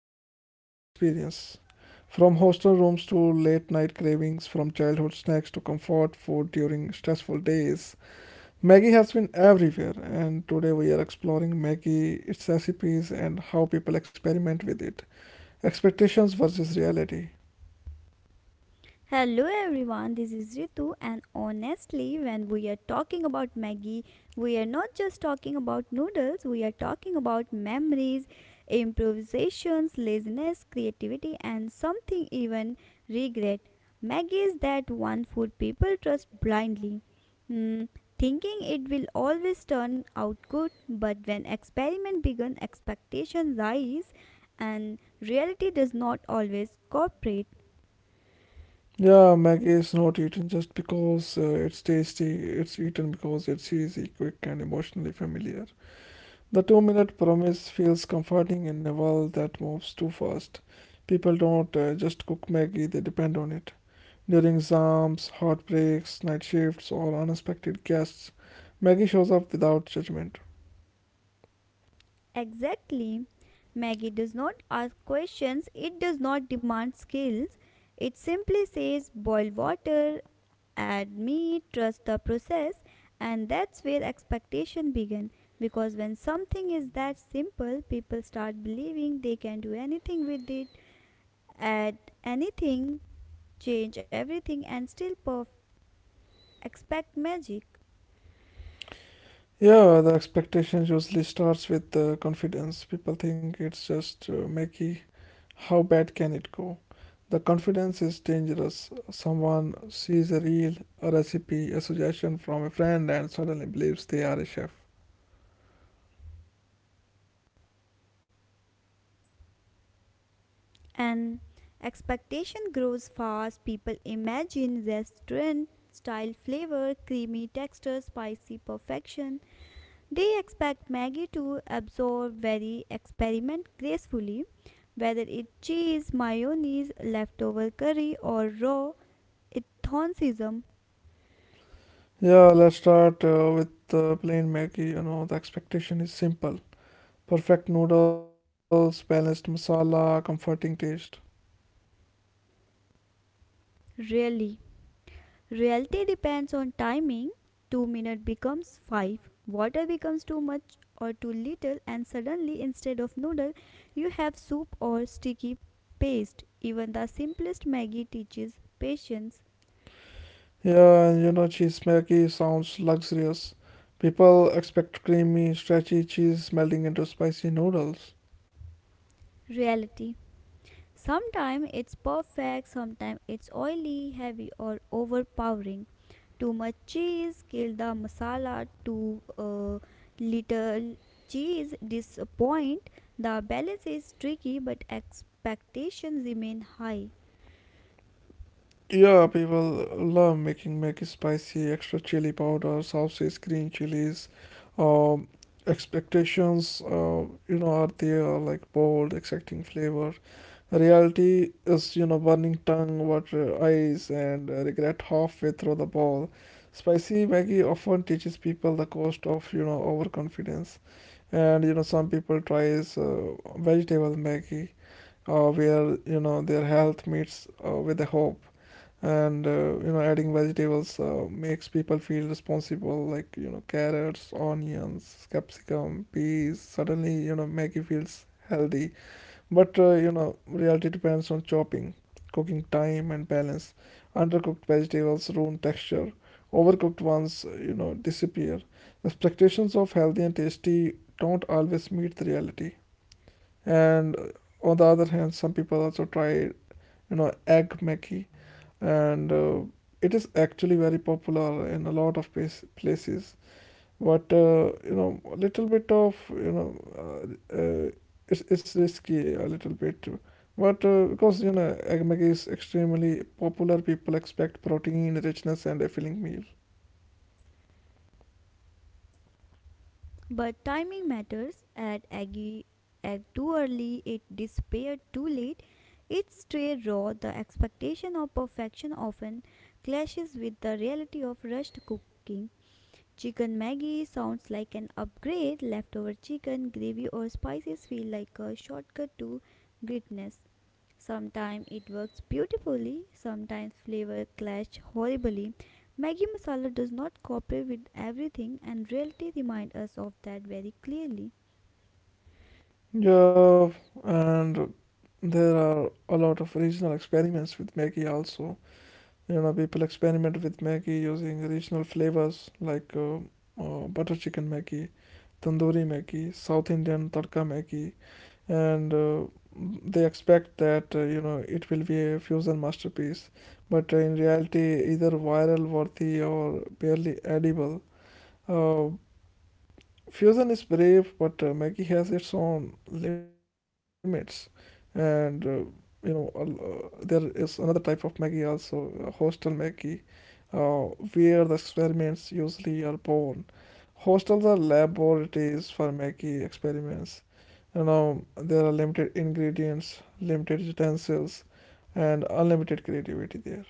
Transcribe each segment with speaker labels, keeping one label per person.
Speaker 1: but as an experience. From hostel rooms to late night cravings, from childhood snacks to comfort food during stressful days, Maggie has been everywhere, and today we are exploring Maggie, its recipes, and how people experiment with it. Expectations versus reality.
Speaker 2: Hello everyone, this is Ritu, and honestly, when we are talking about Maggie, we are not just talking about noodles, we are talking about memories, improvisations, laziness, creativity, and something even regret. Maggie is that one food people trust blindly, Hmm, thinking it will always turn out good, but when experiment begin, expectations rise, and reality does not always cooperate.
Speaker 1: Yeah, Maggie is not eaten just because it's tasty, it's eaten because it's easy, quick, and emotionally familiar. The 2 minute promise feels comforting in a world that moves too fast. People don't just cook Maggie, they depend on it. During exams, heartbreaks, night shifts, or unexpected guests, Maggie shows up without judgment.
Speaker 2: Exactly. Maggie does not ask questions, it does not demand skills. It simply says boil water, add meat, trust the process, and that's where expectation begins. Because when something is that simple, people start believing they can do anything with it, add anything, change everything, and still expect magic.
Speaker 1: Yeah, the expectations usually starts with the confidence. People think it's just Mickey. How bad can it go? The confidence is dangerous. Someone sees a reel, a recipe, a suggestion from a friend, and suddenly believes they are a chef.
Speaker 2: And expectation grows fast. People imagine restaurant style flavor, creamy texture, spicy perfection. They expect Maggie to absorb very experiment gracefully, whether it cheese, mayonnaise, leftover curry, or raw enthusiasm.
Speaker 1: Yeah, let's start with the plain Maggie. You know, the expectation is simple, perfect noodles, balanced masala, comforting taste.
Speaker 2: Really. Reality depends on timing. 2 minutes becomes 5. Water becomes too much or too little, and suddenly, instead of noodle, you have soup or sticky paste. Even the simplest Maggie teaches patience.
Speaker 1: Yeah, and you know, cheese smelky sounds luxurious. People expect creamy, stretchy cheese melting into spicy noodles.
Speaker 2: Reality. Sometimes it's perfect, sometimes it's oily, heavy, or overpowering. Too much cheese kills the masala. Too little cheese disappoint. The balance is tricky, but expectations remain high.
Speaker 1: Yeah, people love making Maggi spicy, extra chili powder, sauces, green chilies. Um, Expectations, you know, are there like bold, exciting flavor. Reality is, you know, burning tongue, water eyes, and regret halfway through the bowl. Spicy Maggi often teaches people the cost of, you know, overconfidence. And you know some people tries vegetable maggi where you know their health meets with the hope, and you know adding vegetables makes people feel responsible, like you know carrots, onions, capsicum, peas, suddenly you know maggi feels healthy. But you know, reality depends on chopping, cooking time, and balance. Undercooked vegetables ruin texture. Overcooked ones, you know, disappear. Expectations of healthy and tasty don't always meet the reality. And on the other hand, some people also try, you know, egg Maggi, and it is actually very popular in a lot of places. But you know a little bit of you know it's risky a little bit. But because you know egg maggi is extremely popular, people expect protein richness and a filling meal.
Speaker 2: But timing matters. Add egg too early, it disappeared too late. It's stray raw. The expectation of perfection often clashes with the reality of rushed cooking. Chicken Maggi sounds like an upgrade. Leftover chicken, gravy, or spices feel like a shortcut to greatness. Sometimes it works beautifully, sometimes flavor clash horribly. Maggi masala does not cooperate with everything, and reality reminds us of that very clearly.
Speaker 1: Yeah, and there are a lot of regional experiments with maggi also. You know, people experiment with Maggi using regional flavors like butter chicken Maggi, tandoori Maggi, South Indian tadka Maggi, and they expect that you know it will be a fusion masterpiece, but in reality, either viral worthy or barely edible. Uh, Fusion is brave, but Maggie has its own limits, and you know there is another type of Maggie also, hostel Maggie, uh, where the experiments usually are born. Hostels are laboratories for Maggie experiments. You know there are limited ingredients, limited utensils, and unlimited creativity there.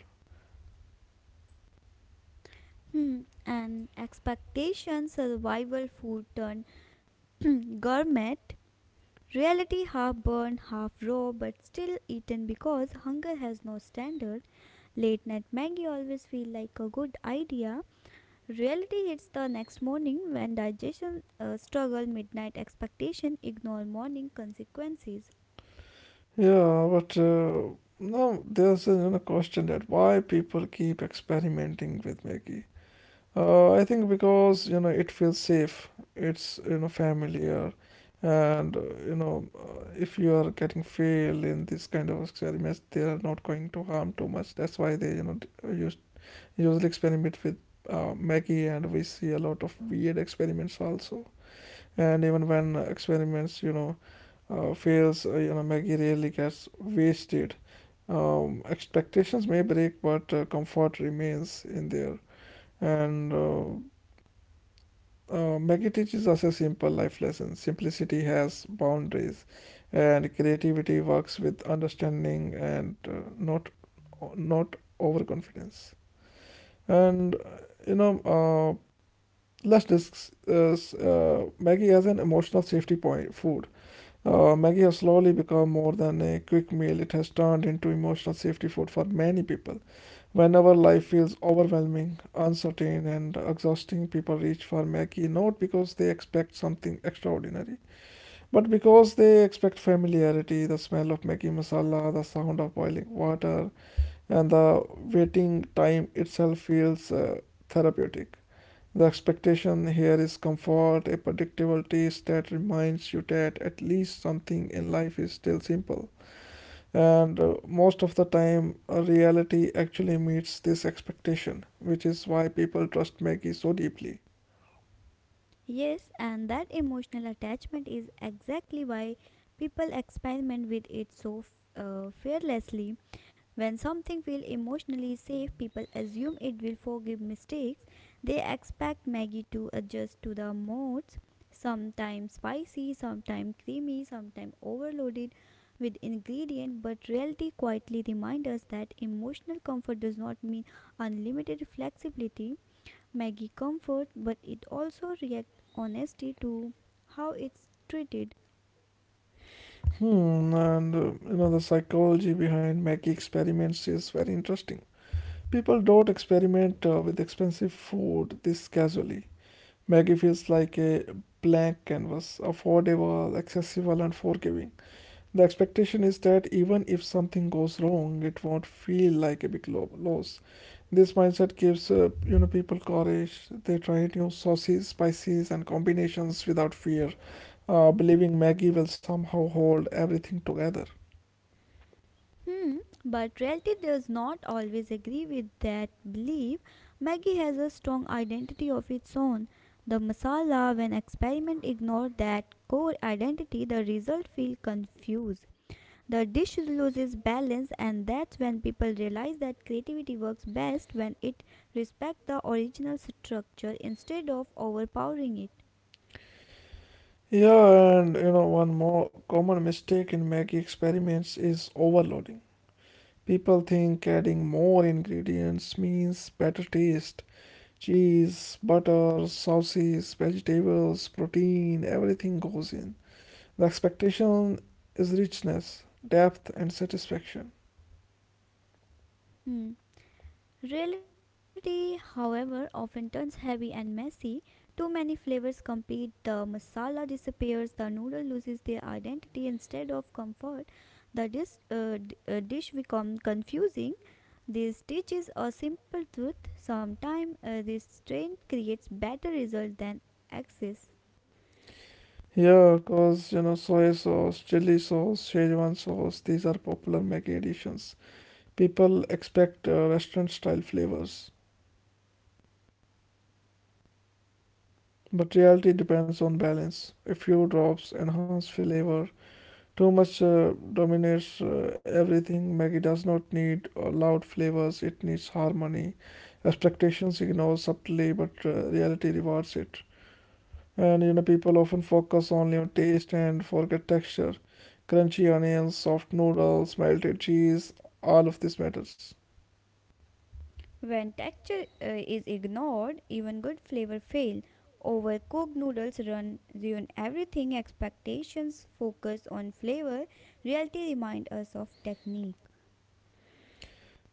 Speaker 2: And expectation survival food turned gourmet. Reality half burned, half raw, but still eaten because hunger has no standard. Late night Maggie always feel like a good idea. Reality hits the next morning when digestion struggle, midnight expectation, ignore morning consequences.
Speaker 1: Yeah, but no, there's a you know, question that why people keep experimenting with Maggie. I think because you know it feels safe, it's you know familiar, and you know if you are getting failed in this kind of experiments, they are not going to harm too much. That's why they you know use usually experiment with Maggie, and we see a lot of weird experiments also. And even when experiments you know fails, you know maggie rarely gets wasted. Expectations may break, but comfort remains in there. And maggie teaches us a simple life lesson, simplicity has boundaries, and creativity works with understanding and not overconfidence. And you know let's discuss maggie as an emotional safety point food. Maggie has slowly become more than a quick meal. It has turned into emotional safety food for many people. Whenever life feels overwhelming, uncertain, and exhausting, people reach for Maggie not because they expect something extraordinary, but because they expect familiarity, the smell of Maggie masala, the sound of boiling water, and the waiting time itself feels therapeutic. The expectation here is comfort, a predictable taste that reminds you that at least something in life is still simple. And most of the time, reality actually meets this expectation, which is why people trust Maggie so deeply.
Speaker 2: Yes, and that emotional attachment is exactly why people experiment with it so fearlessly. When something feels emotionally safe, people assume it will forgive mistakes. They expect Maggie to adjust to the modes, sometimes spicy, sometimes creamy, sometimes overloaded with ingredient, but reality quietly reminds us that emotional comfort does not mean unlimited flexibility. Maggie comfort, but it also reacts honesty to how it's treated.
Speaker 1: Hmm, and you know, the psychology behind Maggie experiments is very interesting. People don't experiment with expensive food this casually. Maggie feels like a blank canvas, affordable, accessible, and forgiving. The expectation is that even if something goes wrong, it won't feel like a big loss. This mindset gives you know people courage. They try new sauces, spices, and combinations without fear, believing Maggie will somehow hold everything together.
Speaker 2: Hmm, but reality does not always agree with that belief. Maggie has a strong identity of its own. The masala, when experiment ignored that core identity, the result feel confused. The dish loses balance, and that's when people realize that creativity works best when it respects the original structure instead of overpowering it.
Speaker 1: Yeah, and you know one more common mistake in Maggie experiments is overloading. People think adding more ingredients means better taste. Cheese, butter, sauces, vegetables, protein, everything goes in. The expectation is richness, depth, and satisfaction.
Speaker 2: Hmm. Reality, however, often turns heavy and messy. Too many flavors compete, the masala disappears, the noodle loses their identity. Instead of comfort, the dish becomes confusing. This teaches a simple truth. Sometimes this strain creates better results than excess.
Speaker 1: Here, cause you know, soy sauce, chili sauce, Szechuan sauce, these are popular Maggi additions. People expect restaurant style flavors, but reality depends on balance. A few drops enhance flavor, too much dominates everything. Maggie does not need loud flavors, it needs harmony. Expectations ignore subtly, but reality rewards it. And you know, people often focus only on taste and forget texture. Crunchy onions, soft noodles, melted cheese, all of this matters.
Speaker 2: When texture is ignored, even good flavor fail. Overcooked noodles ruin everything. Expectations focus on flavor. Reality remind us of technique.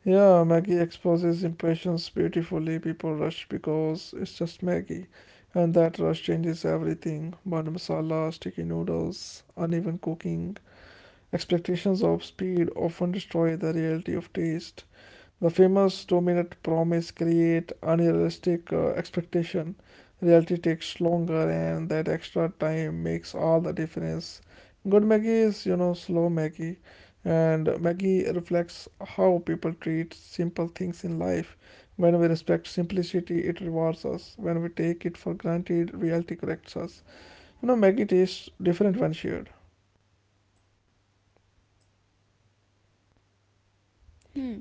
Speaker 1: Yeah, Maggie exposes impressions beautifully. People rush because it's just Maggie. And that rush changes everything. Bun masala, sticky noodles, uneven cooking, expectations of speed often destroy the reality of taste. The famous two-minute promise create unrealistic expectation. Reality takes longer, and that extra time makes all the difference. Good Maggie is, you know, slow Maggie, and Maggie reflects how people treat simple things in life. When we respect simplicity, it rewards us. When we take it for granted, reality corrects us. You know, Maggie tastes different when shared.
Speaker 2: Hmm.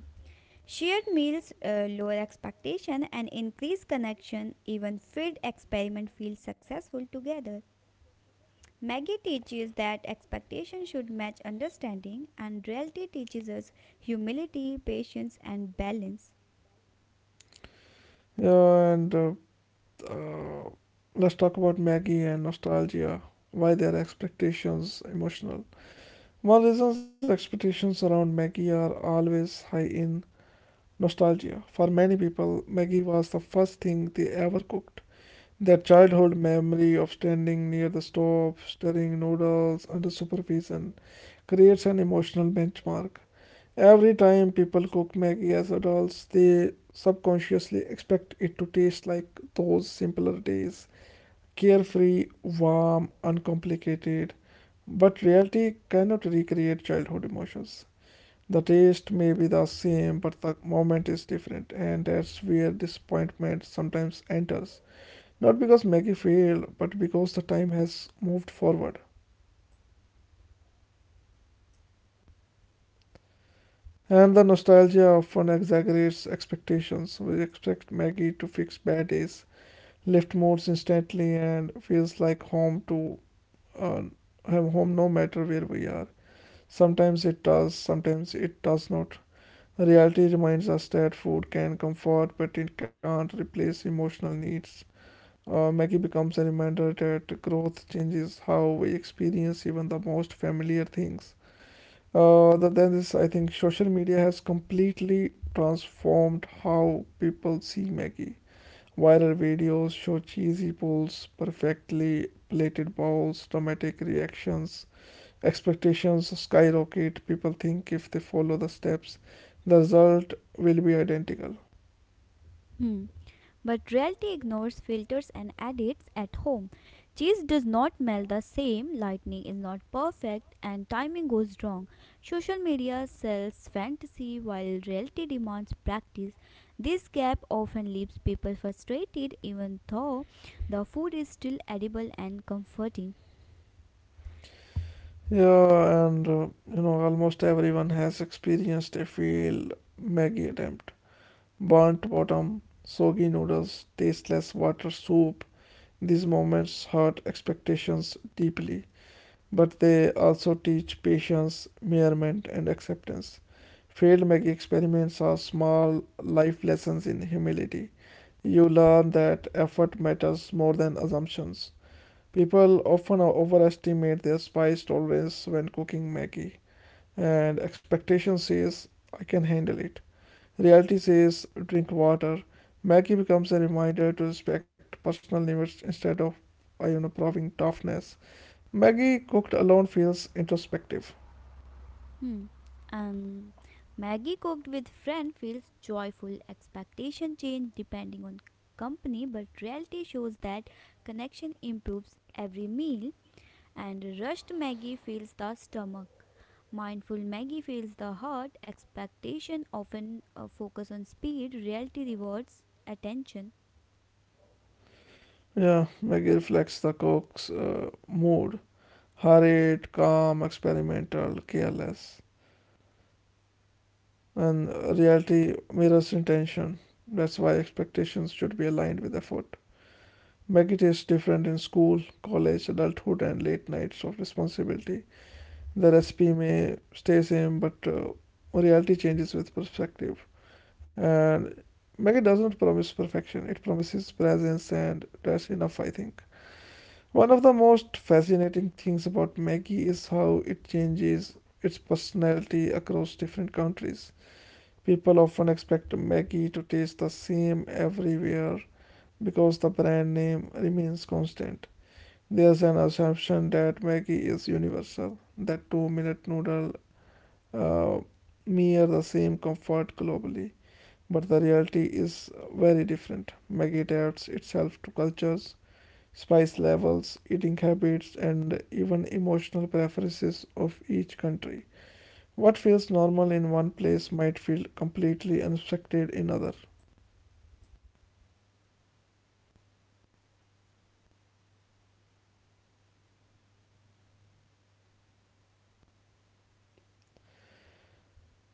Speaker 2: Shared meals lower expectation and increase connection. Even failed experiment feels successful together. Maggie teaches that expectation should match understanding, and reality teaches us humility, patience, and balance.
Speaker 1: Yeah, and uh, let's talk about Maggie and nostalgia. Why their expectations emotional? One reasons expectations around Maggie are always high in nostalgia. For many people, Maggie was the first thing they ever cooked. Their childhood memory of standing near the stove, stirring noodles under supervision, creates an emotional benchmark. Every time people cook Maggie as adults, they subconsciously expect it to taste like those simpler days, carefree, warm, uncomplicated, but reality cannot recreate childhood emotions. The taste may be the same, but the moment is different, and that's where disappointment sometimes enters. Not because Maggie failed, but because the time has moved forward. And the nostalgia often exaggerates expectations. We expect Maggie to fix bad days, lift moods instantly, and feels like home, to uh, have home no matter where we are. Sometimes it does not. Reality reminds us that food can comfort, but it can't replace emotional needs. Maggie becomes a reminder that growth changes how we experience even the most familiar things. Other than this, I think social media has completely transformed how people see Maggie. Viral videos show cheesy pulls, perfectly plated bowls, dramatic reactions, expectations skyrocket. People think if they follow the steps, the result will be identical.
Speaker 2: Hmm. But reality ignores filters and edits at home. Cheese does not melt the same, lightning is not perfect, and timing goes wrong. Social media sells fantasy while reality demands practice. This gap often leaves people frustrated, even though the food is still edible and comforting.
Speaker 1: Yeah, and you know, almost everyone has experienced a failed Maggie attempt. Burnt bottom, soggy noodles, tasteless water soup. These moments hurt expectations deeply, but they also teach patience, merriment, and acceptance. Failed Maggie experiments are small life lessons in humility. You learn that effort matters more than assumptions. People often overestimate their spice tolerance when cooking Maggie, and expectation says, I can handle it. Reality says, drink water. Maggie becomes a reminder to respect personal limits instead of you know, proving toughness. Maggie cooked alone feels introspective.
Speaker 2: Hmm. Um, Maggie cooked with friend feels joyful. Expectation change depending on company, but reality shows that connection improves every meal. And rushed Maggie feels the stomach. Mindful Maggie feels the heart. Expectation often focus on speed. Reality rewards attention.
Speaker 1: Yeah, Maggie reflects the cook's mood, hurried, calm, experimental, careless. And reality mirrors intention. That's why expectations should be aligned with effort. Maggie tastes different in school, college, adulthood, and late nights of responsibility. The recipe may stay same, but reality changes with perspective. And Maggie doesn't promise perfection; it promises presence, and that's enough, I think. One of the most fascinating things about Maggie is how it changes its personality across different countries. People often expect Maggie to taste the same everywhere because the brand name remains constant. There's an assumption that Maggie is universal, that 2 minute noodle uh, mirror the same comfort globally. But the reality is very different. Maggie adapts itself to cultures, spice levels, eating habits, and even emotional preferences of each country. What feels normal in one place might feel completely unexpected in another.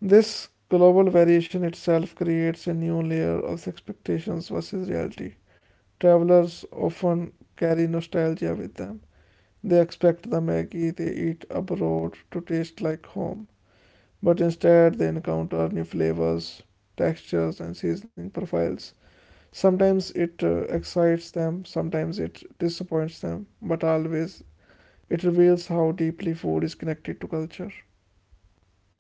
Speaker 1: This global variation itself creates a new layer of expectations versus reality. Travelers often carry nostalgia with them. They expect the maggi they eat abroad to taste like home, but instead they encounter new flavors, textures, and seasoning profiles. Sometimes it excites them, sometimes it disappoints them, but always it reveals how deeply food is connected to culture.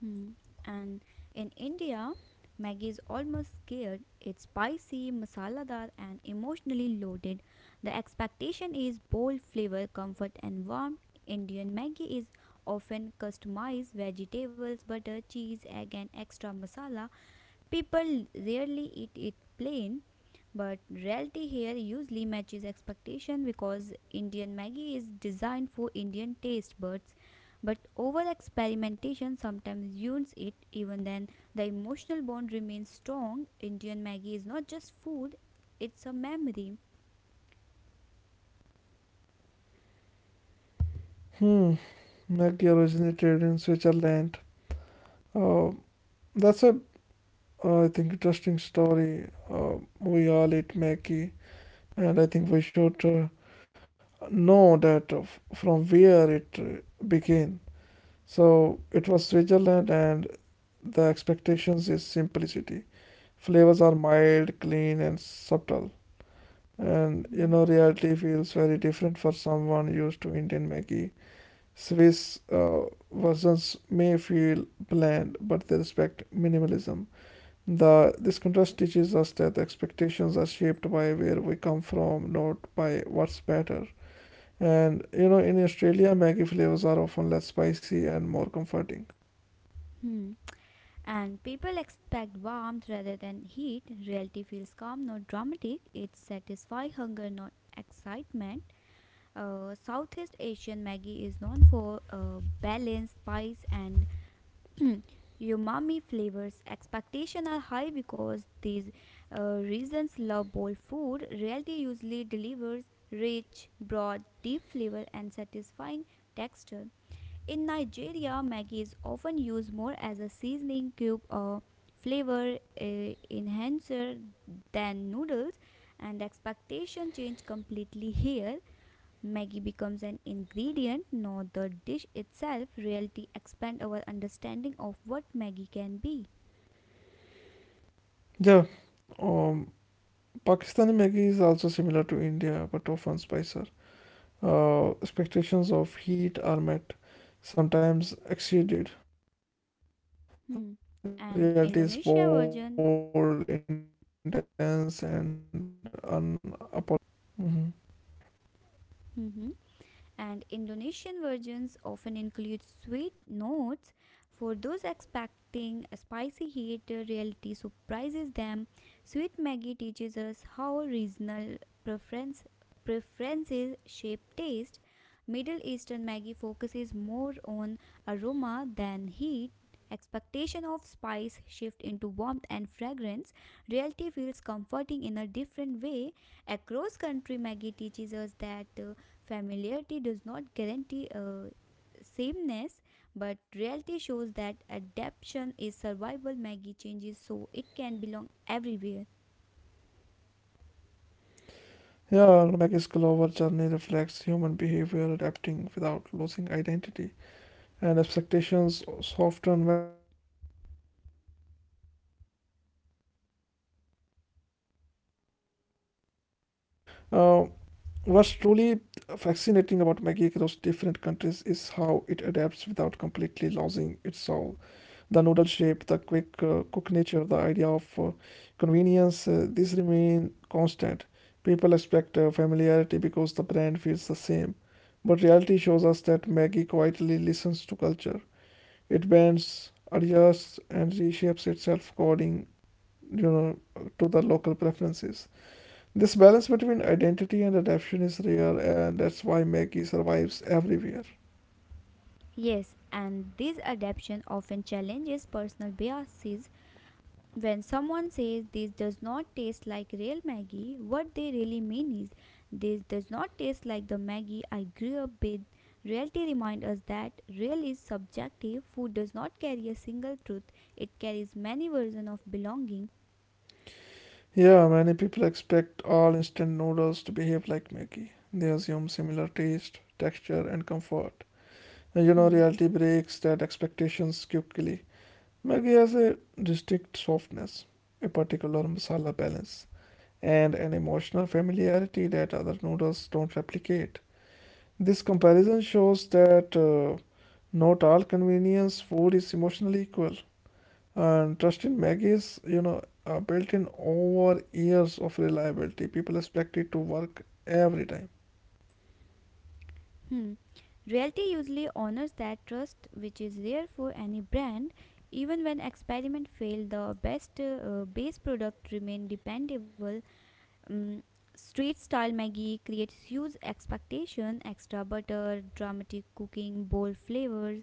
Speaker 2: Hmm. And in India, Maggi is almost scared. It's spicy, masaladar, and emotionally loaded. The expectation is bold flavor, comfort, and warmth. Indian Maggi is often customized vegetables, butter, cheese, egg, and extra masala. People rarely eat it plain, but reality here usually matches expectation because Indian Maggi is designed for Indian taste buds. But over experimentation sometimes ruins it. Even then, the emotional bond remains strong. Indian Maggi is not just food, it's a memory.
Speaker 1: Hmm, Maggie originated in Switzerland. Uh, that's a, I think, interesting story. We all eat Maggie, and I think we should know that of from where it began. So it was Switzerland, and the expectations is simplicity. Flavors are mild, clean, and subtle, and
Speaker 2: Hmm.
Speaker 1: reality feels very different for someone used to Indian Maggie. Swiss versions may feel bland, but they respect minimalism. The this contrast teaches us that expectations are shaped by where we come from, not by what's better. And in Australia, Maggie flavors are often less spicy and more comforting.
Speaker 2: Hmm. And people expect warmth rather than heat. Reality feels calm, not dramatic. It satisfies hunger, not excitement. Southeast Asian Maggi is known for balance, spice, and umami flavors. Expectations are high because these reasons love bold food. Reality usually delivers rich, broad, deep flavor and satisfying texture. In Nigeria, Maggi is often used more as a seasoning cube or flavor enhancer than noodles, and expectation change completely here. Maggie becomes an ingredient, not the dish itself. Reality expand our understanding of what Maggie can be.
Speaker 1: Yeah, um, Pakistani Maggie is also similar to India, but often spicier. Expectations of heat are met, sometimes exceeded. Reality is bold,
Speaker 2: Hmm.
Speaker 1: intense, and
Speaker 2: And Indonesia
Speaker 1: unapologetic.
Speaker 2: version.
Speaker 1: Mhm.
Speaker 2: Hmm. And Indonesian versions often include sweet notes. For those expecting a spicy heat, reality surprises them. Sweet Maggie teaches us how regional preference preferences shape taste. Middle Eastern Maggie focuses more on aroma than heat. Expectation of spice shift into warmth and fragrance. Reality feels comforting in a different way. Across country, Maggie teaches us that familiarity does not guarantee sameness, but reality shows that adaptation is survival. Maggie changes so it can belong everywhere.
Speaker 1: Yeah, Maggie's Glover journey reflects human behavior adapting without losing identity, and expectations soften when we accept different instead of resisting it. Uh, what's truly fascinating about Maggie across different countries is how it adapts without completely losing its soul. The noodle shape, the quick cook nature, the idea of convenience, these remain constant. People expect familiarity because the brand feels the same. But reality shows us that Maggie quietly listens to culture. It bends, adjusts, and reshapes itself according, you know, to the local preferences. This balance between identity and adaptation is rare, and that's why Maggie survives everywhere.
Speaker 2: Yes, and this adaptation often challenges personal biases. When someone says this does not taste like real Maggie, what they really mean is this does not taste like the Maggie I grew up with. Reality reminds us that real is subjective. Food does not carry a single truth. It carries many versions of belonging.
Speaker 1: Yeah, many people expect all instant noodles to behave like Maggi. They assume similar taste, texture, and comfort. And
Speaker 2: Hmm.
Speaker 1: reality breaks that expectations quickly. Maggi has a distinct softness, a particular masala balance, and an emotional familiarity that other noodles don't replicate. This comparison shows that not all convenience food is emotionally equal. And trust in Maggi is, built in over years of reliability. People expect it to work every time.
Speaker 2: Hmm. Reality usually honors that trust, which is rare for any brand. Even when experiment fail, the best base product remain dependable. Mm, Street style Maggie creates huge expectation, extra butter, dramatic cooking, bold flavors,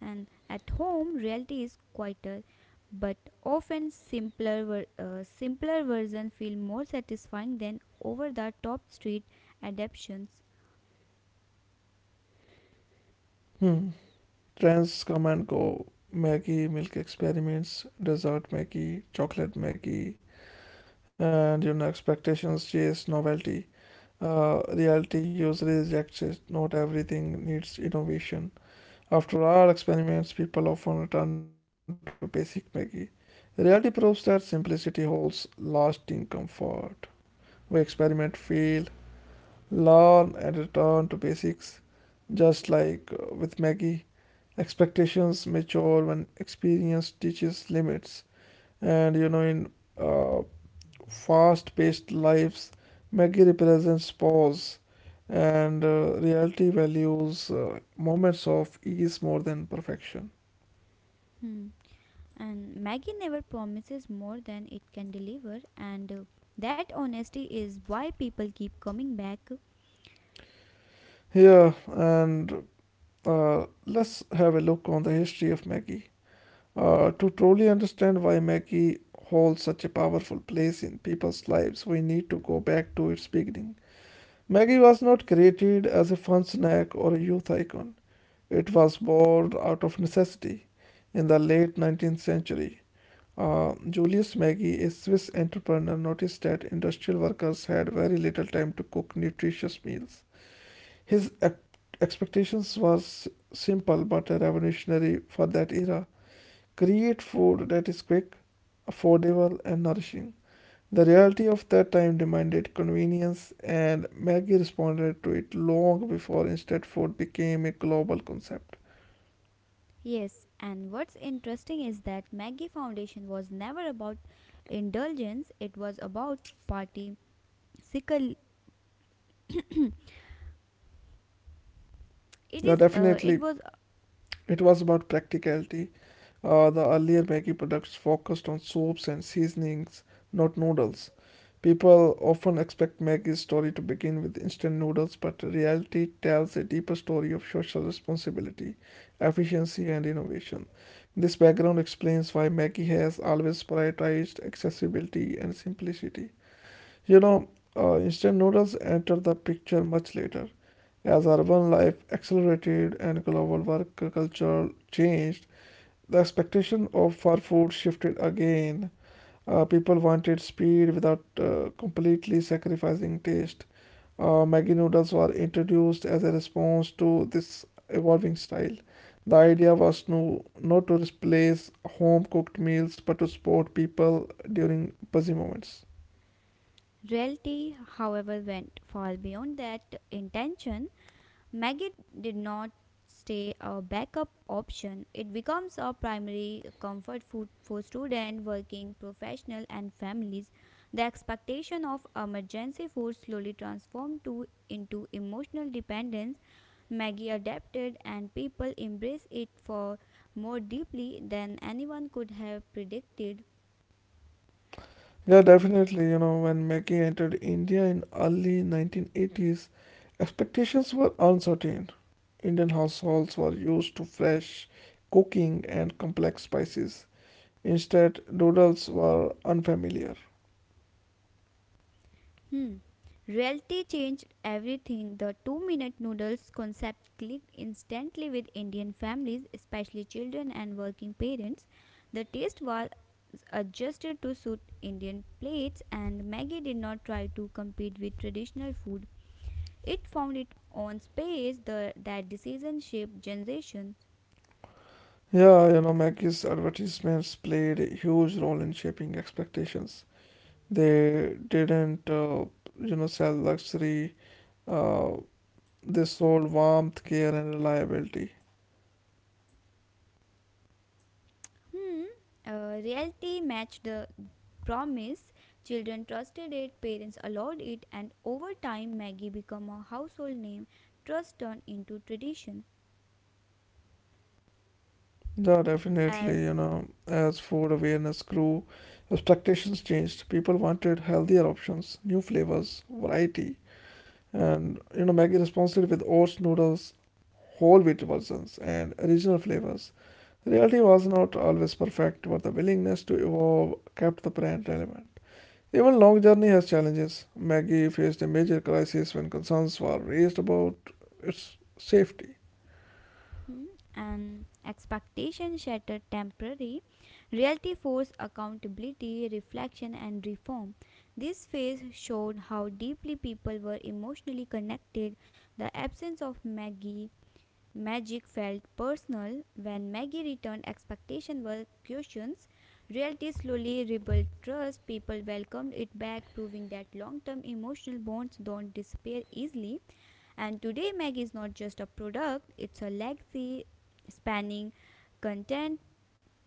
Speaker 2: and at home reality is quieter, but often simpler. Simpler version feel more satisfying than over the top street adaptations.
Speaker 1: Hmm. Trends come and go. Maggi, milk experiments, dessert Maggi, chocolate Maggi, and expectations chase novelty. Reality usually rejects it. Not everything needs innovation. After all experiments, people often return to basic Maggi. Reality proves that simplicity holds lasting comfort. We experiment, fail, learn, and return to basics. Just like with Maggie, expectations mature when experience teaches limits. And in uh, fast paced lives, Maggie represents pause, and reality values moments of ease more than perfection.
Speaker 2: Hmm. And Maggie never promises more than it can deliver, and that honesty is why people keep coming back.
Speaker 1: Here, and let's have a look on the history of Maggie. To truly understand why Maggie holds such a powerful place in people's lives, we need to go back to its beginning. Maggie was not created as a fun snack or a youth icon. It was born out of necessity in the late 19th century. Julius Maggi, a Swiss entrepreneur, noticed that industrial workers had very little time to cook nutritious meals. His ex- expectations were simple but revolutionary for that era: create food that is quick, affordable, and nourishing. The reality of that time demanded convenience, and Maggie responded to it long before instant food became a global concept.
Speaker 2: Yes, and what's interesting is that Maggie Foundation was never about indulgence, it was about party sickle. it
Speaker 1: Yeah,
Speaker 2: is it
Speaker 1: definitely,
Speaker 2: was
Speaker 1: it was about practicality. The earlier Maggi products focused on soups and seasonings, not noodles. People often expect Maggie's story to begin with instant noodles, but reality tells a deeper story of social responsibility, efficiency, and innovation. This background explains why Maggie has always prioritized accessibility and simplicity. You know, Instant noodles enter the picture much later. As urban life accelerated and global work culture changed, the expectation of for food shifted again. People wanted speed without completely sacrificing taste. Maggi noodles were introduced as a response to this evolving style. The idea was no, not to replace home cooked meals but to support people during busy moments.
Speaker 2: Reality, however, went far beyond that intention. Maggot did not stay a backup option. It becomes a primary comfort food for students, working professionals, and families. The expectation of emergency food slowly transformed into emotional dependence. Maggie adapted, and people embraced it for more deeply than anyone could have predicted.
Speaker 1: Yeah, definitely. When Maggie entered India in early 1980s, expectations were uncertain. Indian households were used to fresh cooking and complex spices. Instead, noodles were unfamiliar.
Speaker 2: Hmm. Reality changed everything. The 2-minute noodles concept clicked instantly with Indian families, especially children and working parents. The taste was adjusted to suit Indian plates, and Maggie did not try to compete with traditional food. It found its own space, that decision shaped generations.
Speaker 1: Yeah, Maggie's advertisements played a huge role in shaping expectations. They didn't sell luxury. Uh, they sold warmth, care, and reliability.
Speaker 2: Hmm. Reality matched the promise. Children trusted it, parents allowed it, and over time, Maggie became a household name. Trust turned into tradition.
Speaker 1: Yeah, definitely.
Speaker 2: As
Speaker 1: As food awareness grew, expectations changed. People wanted healthier options, new flavors, variety. And, Maggie responded with oats, noodles, whole wheat versions, and original flavors. Reality was not always perfect, but the willingness to evolve kept the brand relevant. Even long journey has challenges. Maggie faced a major crisis when concerns were raised about its safety.
Speaker 2: hmm, an expectation shattered temporary, reality forced accountability, reflection, and reform. This phase showed how deeply people were emotionally connected. The absence of Maggie Magic felt personal. When Maggie returned, expectations were questions. Reality slowly rebuilt trust. People welcomed it back, proving that long-term emotional bonds don't disappear easily. And today Maggie is not just a product, it's a legacy spanning content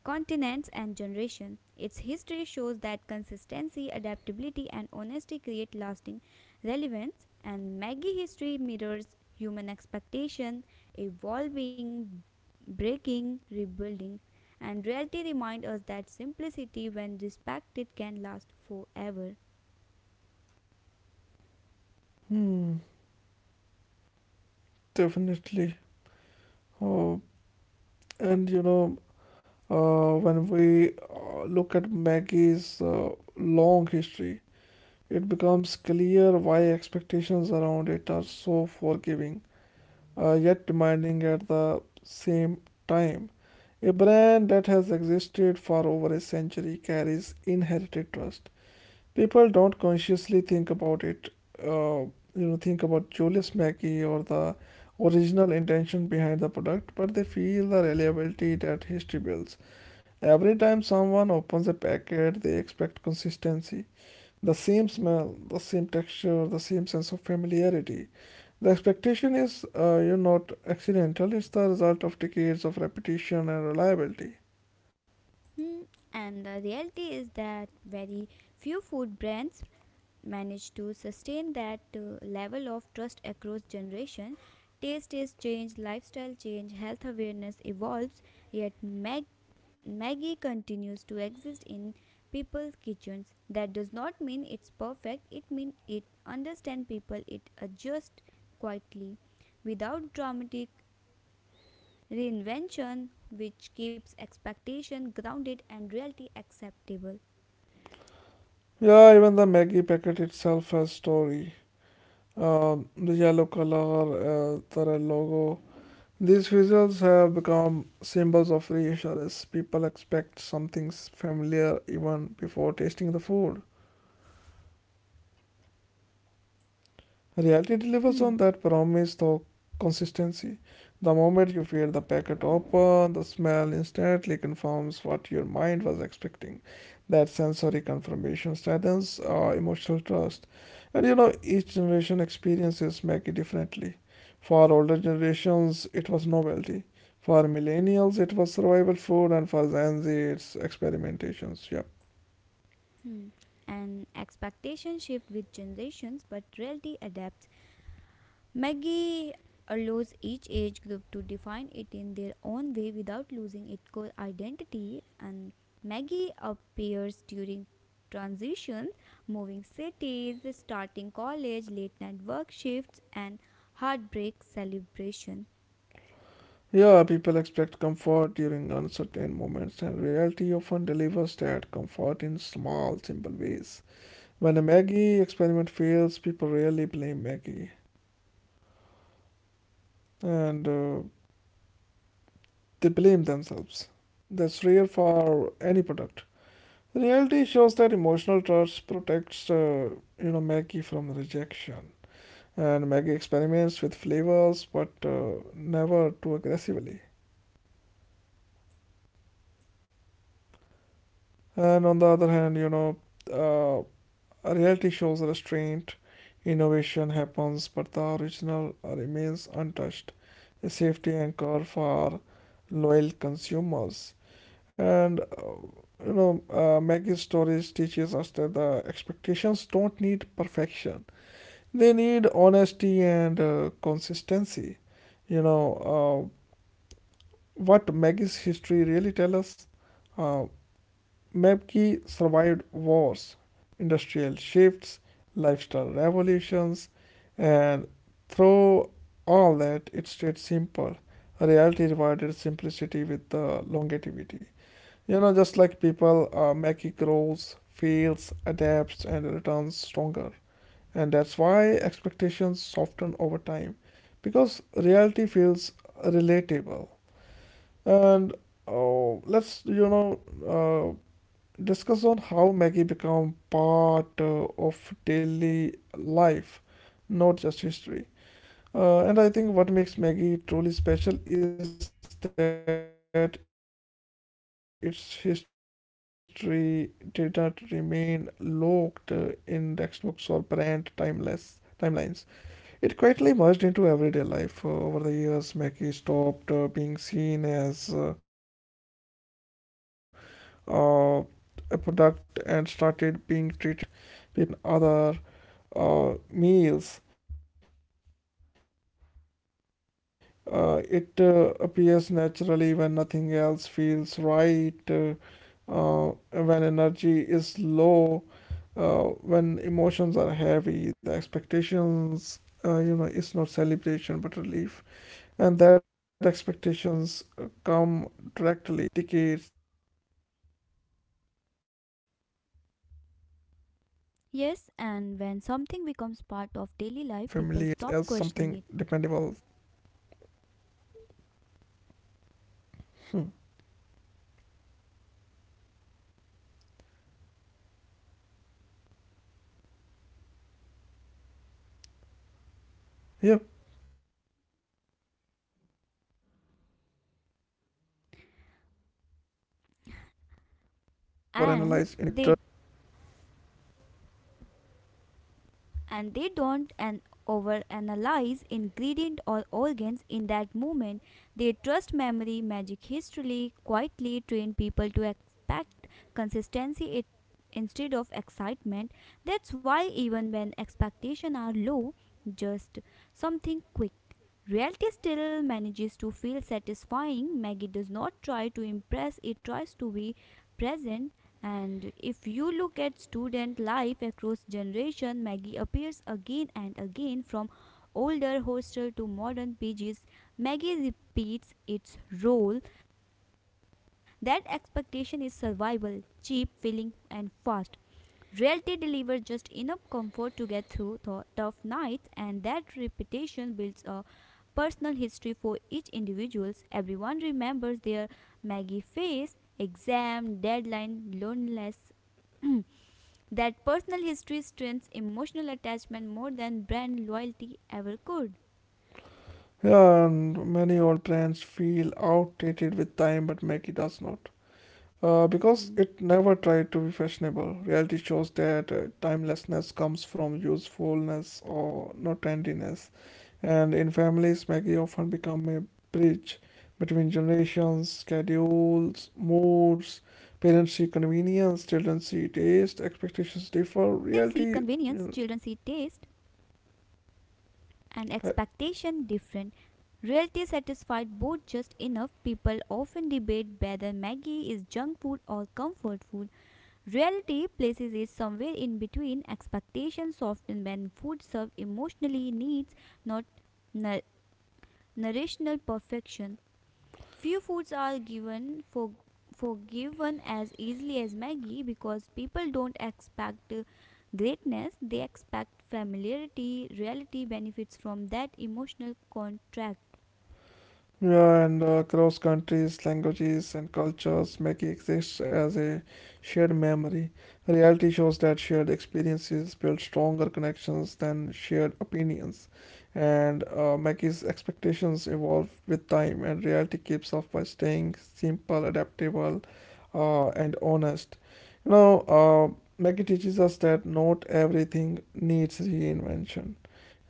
Speaker 2: continents, and generation. Its history shows that consistency, adaptability, and honesty create lasting relevance, and Maggi history mirrors human expectation, evolving, breaking, rebuilding, and reality remind us that simplicity, when respected, can last forever.
Speaker 1: Hmm, definitely. Oh, and when we look at Maggie's long history, it becomes clear why expectations around it are so forgiving, yet demanding at the same time. A brand that has existed for over a century carries inherited trust. People don't consciously think about it, uh, think about Julius Maggie or the original intention behind the product, but they feel the reliability that history builds. Every time someone opens a packet, they expect consistency, the same smell, the same texture, the same sense of familiarity. The expectation is, not accidental, it's the result of decades of repetition and reliability.
Speaker 2: Hmm, And the reality is that very few food brands managed to sustain that level of trust across generation. Taste is changed, lifestyle change, health awareness evolves, yet maggie continues to exist in people's kitchens. That does not mean it's perfect, it means it understands people, it adjusts quietly without dramatic reinvention, which keeps expectation grounded and reality acceptable.
Speaker 1: Yeah, even the Maggie packet itself has story. The yellow color, the red logo. These visuals have become symbols of reassurance. People expect something familiar even before tasting the food. Reality delivers
Speaker 2: hmm
Speaker 1: on that promise though consistency. The moment you feel the packet open, the smell instantly confirms what your mind was expecting. That sensory confirmation strengthens emotional trust. And each generation experiences make it differently. For older generations, it was novelty. For millennials, it was survival food, and for Gen Z, it's experimentations. Yep.
Speaker 2: Hmm. And expectations shift with generations, but reality adapts. Maggie allows each age group to define it in their own way without losing its core identity. And Maggie appears during transitions, moving cities, starting college, late night work shifts, and heartbreak celebration.
Speaker 1: Yeah, people expect comfort during uncertain moments, and reality often delivers that comfort in small, simple ways. When a Maggie experiment fails, people rarely blame Maggie, and they blame themselves. That's rare for any product. Reality shows that emotional trust protects, Maggie from rejection, and Maggie experiments with flavors, but never too aggressively. And on the other hand, uh, reality shows restraint, innovation happens, but the original remains untouched, a safety anchor for loyal consumers. And Maggie's stories teaches us that the expectations don't need perfection; they need honesty and consistency. You know, uh, what Maggie's history really tells us. Uh, Mebki survived wars, industrial shifts, lifestyle revolutions, and through all that, it stayed simple. Reality rewarded simplicity with the longevity. Just like people, Mackie grows, fails, adapts, and returns stronger. And that's why expectations soften over time, because reality feels relatable. And oh, let's uh, discuss on how Maggie become part of daily life, not just history. And I think what makes Maggie truly special is that its history did not remain locked in textbooks or brand timeless timelines. It quietly merged into everyday life. Over the years, Maggie stopped being seen as uh, a product and started being treated like a habit. People don't plan Maggie the way they plan other meals. It appears naturally when nothing else feels right, when energy is low, uh, when emotions are heavy. The expectations, is not celebration but relief, and that expectations come directly from how Maggie positions itself above decades as something
Speaker 2: Yes,
Speaker 1: dependable,
Speaker 2: and when
Speaker 1: familiar, and
Speaker 2: something becomes
Speaker 1: emotionally
Speaker 2: part of
Speaker 1: neutral.
Speaker 2: daily life,
Speaker 1: The
Speaker 2: people stop
Speaker 1: reality
Speaker 2: questioning it,
Speaker 1: often, hmm, yep, definitely. They don't overanalyze ingredients or occasions in that moment. They trust memory.
Speaker 2: and they and they don't an overanalyze ingredient or organs in that moment. They trust memory, magic history, quietly train people to expect consistency it, instead of excitement. That's why even when expectations are low, just something quick. Reality still manages to feel satisfying. Maggie does not try to impress, it tries to be present. And if you look at student life across generation, Maggie appears again and again from older hostel to modern pages. Maggie repeats its role. That expectation is survival, cheap, filling, and fast. Reality delivers just enough comfort to get through the tough nights, and that reputation builds a personal history for each individual. Everyone remembers their Maggie face, exam, deadline, loneliness. That personal history strengthens emotional attachment more than brand loyalty ever could.
Speaker 1: Yeah, and many old plans feel outdated with time, but Maggie does not. Because
Speaker 2: Hmm.
Speaker 1: it never tried to be fashionable, reality shows that timelessness comes from usefulness or not trendiness. And in families, Maggie often become a bridge between generations, schedules, moods. Parents see convenience, children see taste,
Speaker 2: Parents see
Speaker 1: expectations differ.
Speaker 2: convenience,
Speaker 1: Reality,
Speaker 2: children see
Speaker 1: you
Speaker 2: taste, and
Speaker 1: know,
Speaker 2: expectation different. Reality satisfied both just enough. People often debate whether Maggie is junk food or comfort food. Reality places it somewhere in between. Expectations soften when food serves emotionally needs, not nu- perfection. Few foods are given for forgiven as easily as Maggie because people don't expect greatness, they expect familiarity, reality benefits from that emotional contract.
Speaker 1: yeah, and across countries, languages, and cultures, Maggie exists as a shared memory. Reality shows that shared experiences build stronger connections than shared opinions, and Maggie's expectations evolve with time, and reality keeps up by staying simple, adaptable, and honest. Maggie teaches us that not everything needs reinvention.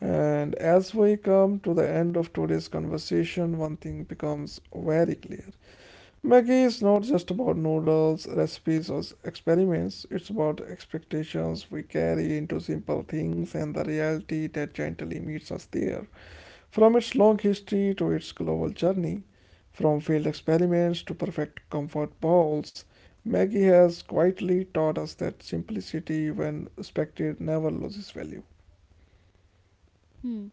Speaker 1: And as we come to the end of today's conversation, one thing becomes very clear. Maggie is not just about noodles, recipes, or experiments. It's about expectations we carry into simple things and the reality that gently meets us there. From its long history to its global journey, from failed experiments to perfect comfort bowls, Maggie has quietly taught us that simplicity, when respected, never loses value.
Speaker 2: Hmm.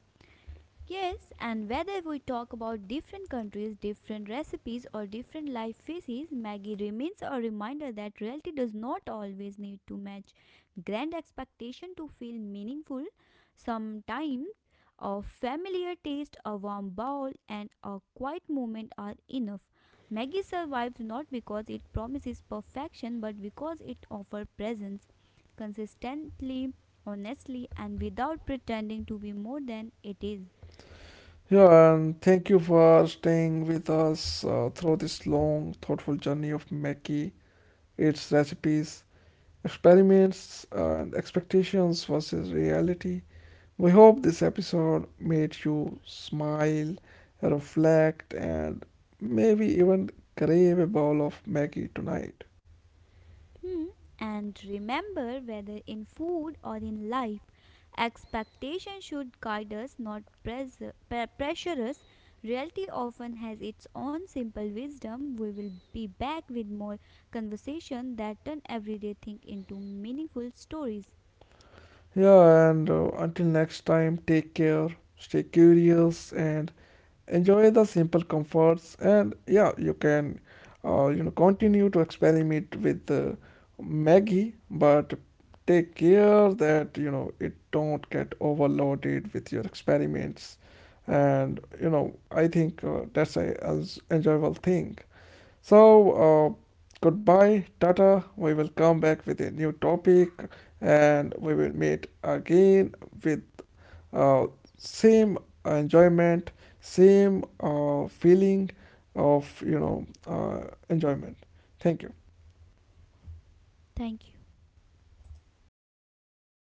Speaker 2: Yes, and whether we talk about different countries, different recipes, or different life phases, Maggie remains a reminder that reality does not always need to match grand expectation to feel meaningful. Sometimes a familiar taste, a warm bowl, and a quiet moment are enough. Maggie survives not because it promises perfection, but because it offers presence consistently, honestly, and without pretending to be more than it is.
Speaker 1: Yeah, and thank you for staying with us through this long, thoughtful journey of Mackie, its recipes, experiments, and expectations versus reality. We hope this episode made you smile, reflect, and maybe even crave a bowl of Maggie tonight.
Speaker 2: Hmm. And remember, whether in food or in life, expectation should guide us, not pressure us. Reality often has its own simple wisdom. We will be back with more conversation that turn everyday thing into meaningful stories.
Speaker 1: Yeah, and until next time, take care, stay curious, and enjoy the simple comforts, and yeah, you can continue to experiment with maggie, but take care that it don't get overloaded with your experiments. And I think that's a as enjoyable thing. So uh, goodbye, tata, we will come back with a new topic, and we will meet again with uh, same enjoyment, same feeling of enjoyment. Thank you.
Speaker 2: Thank you.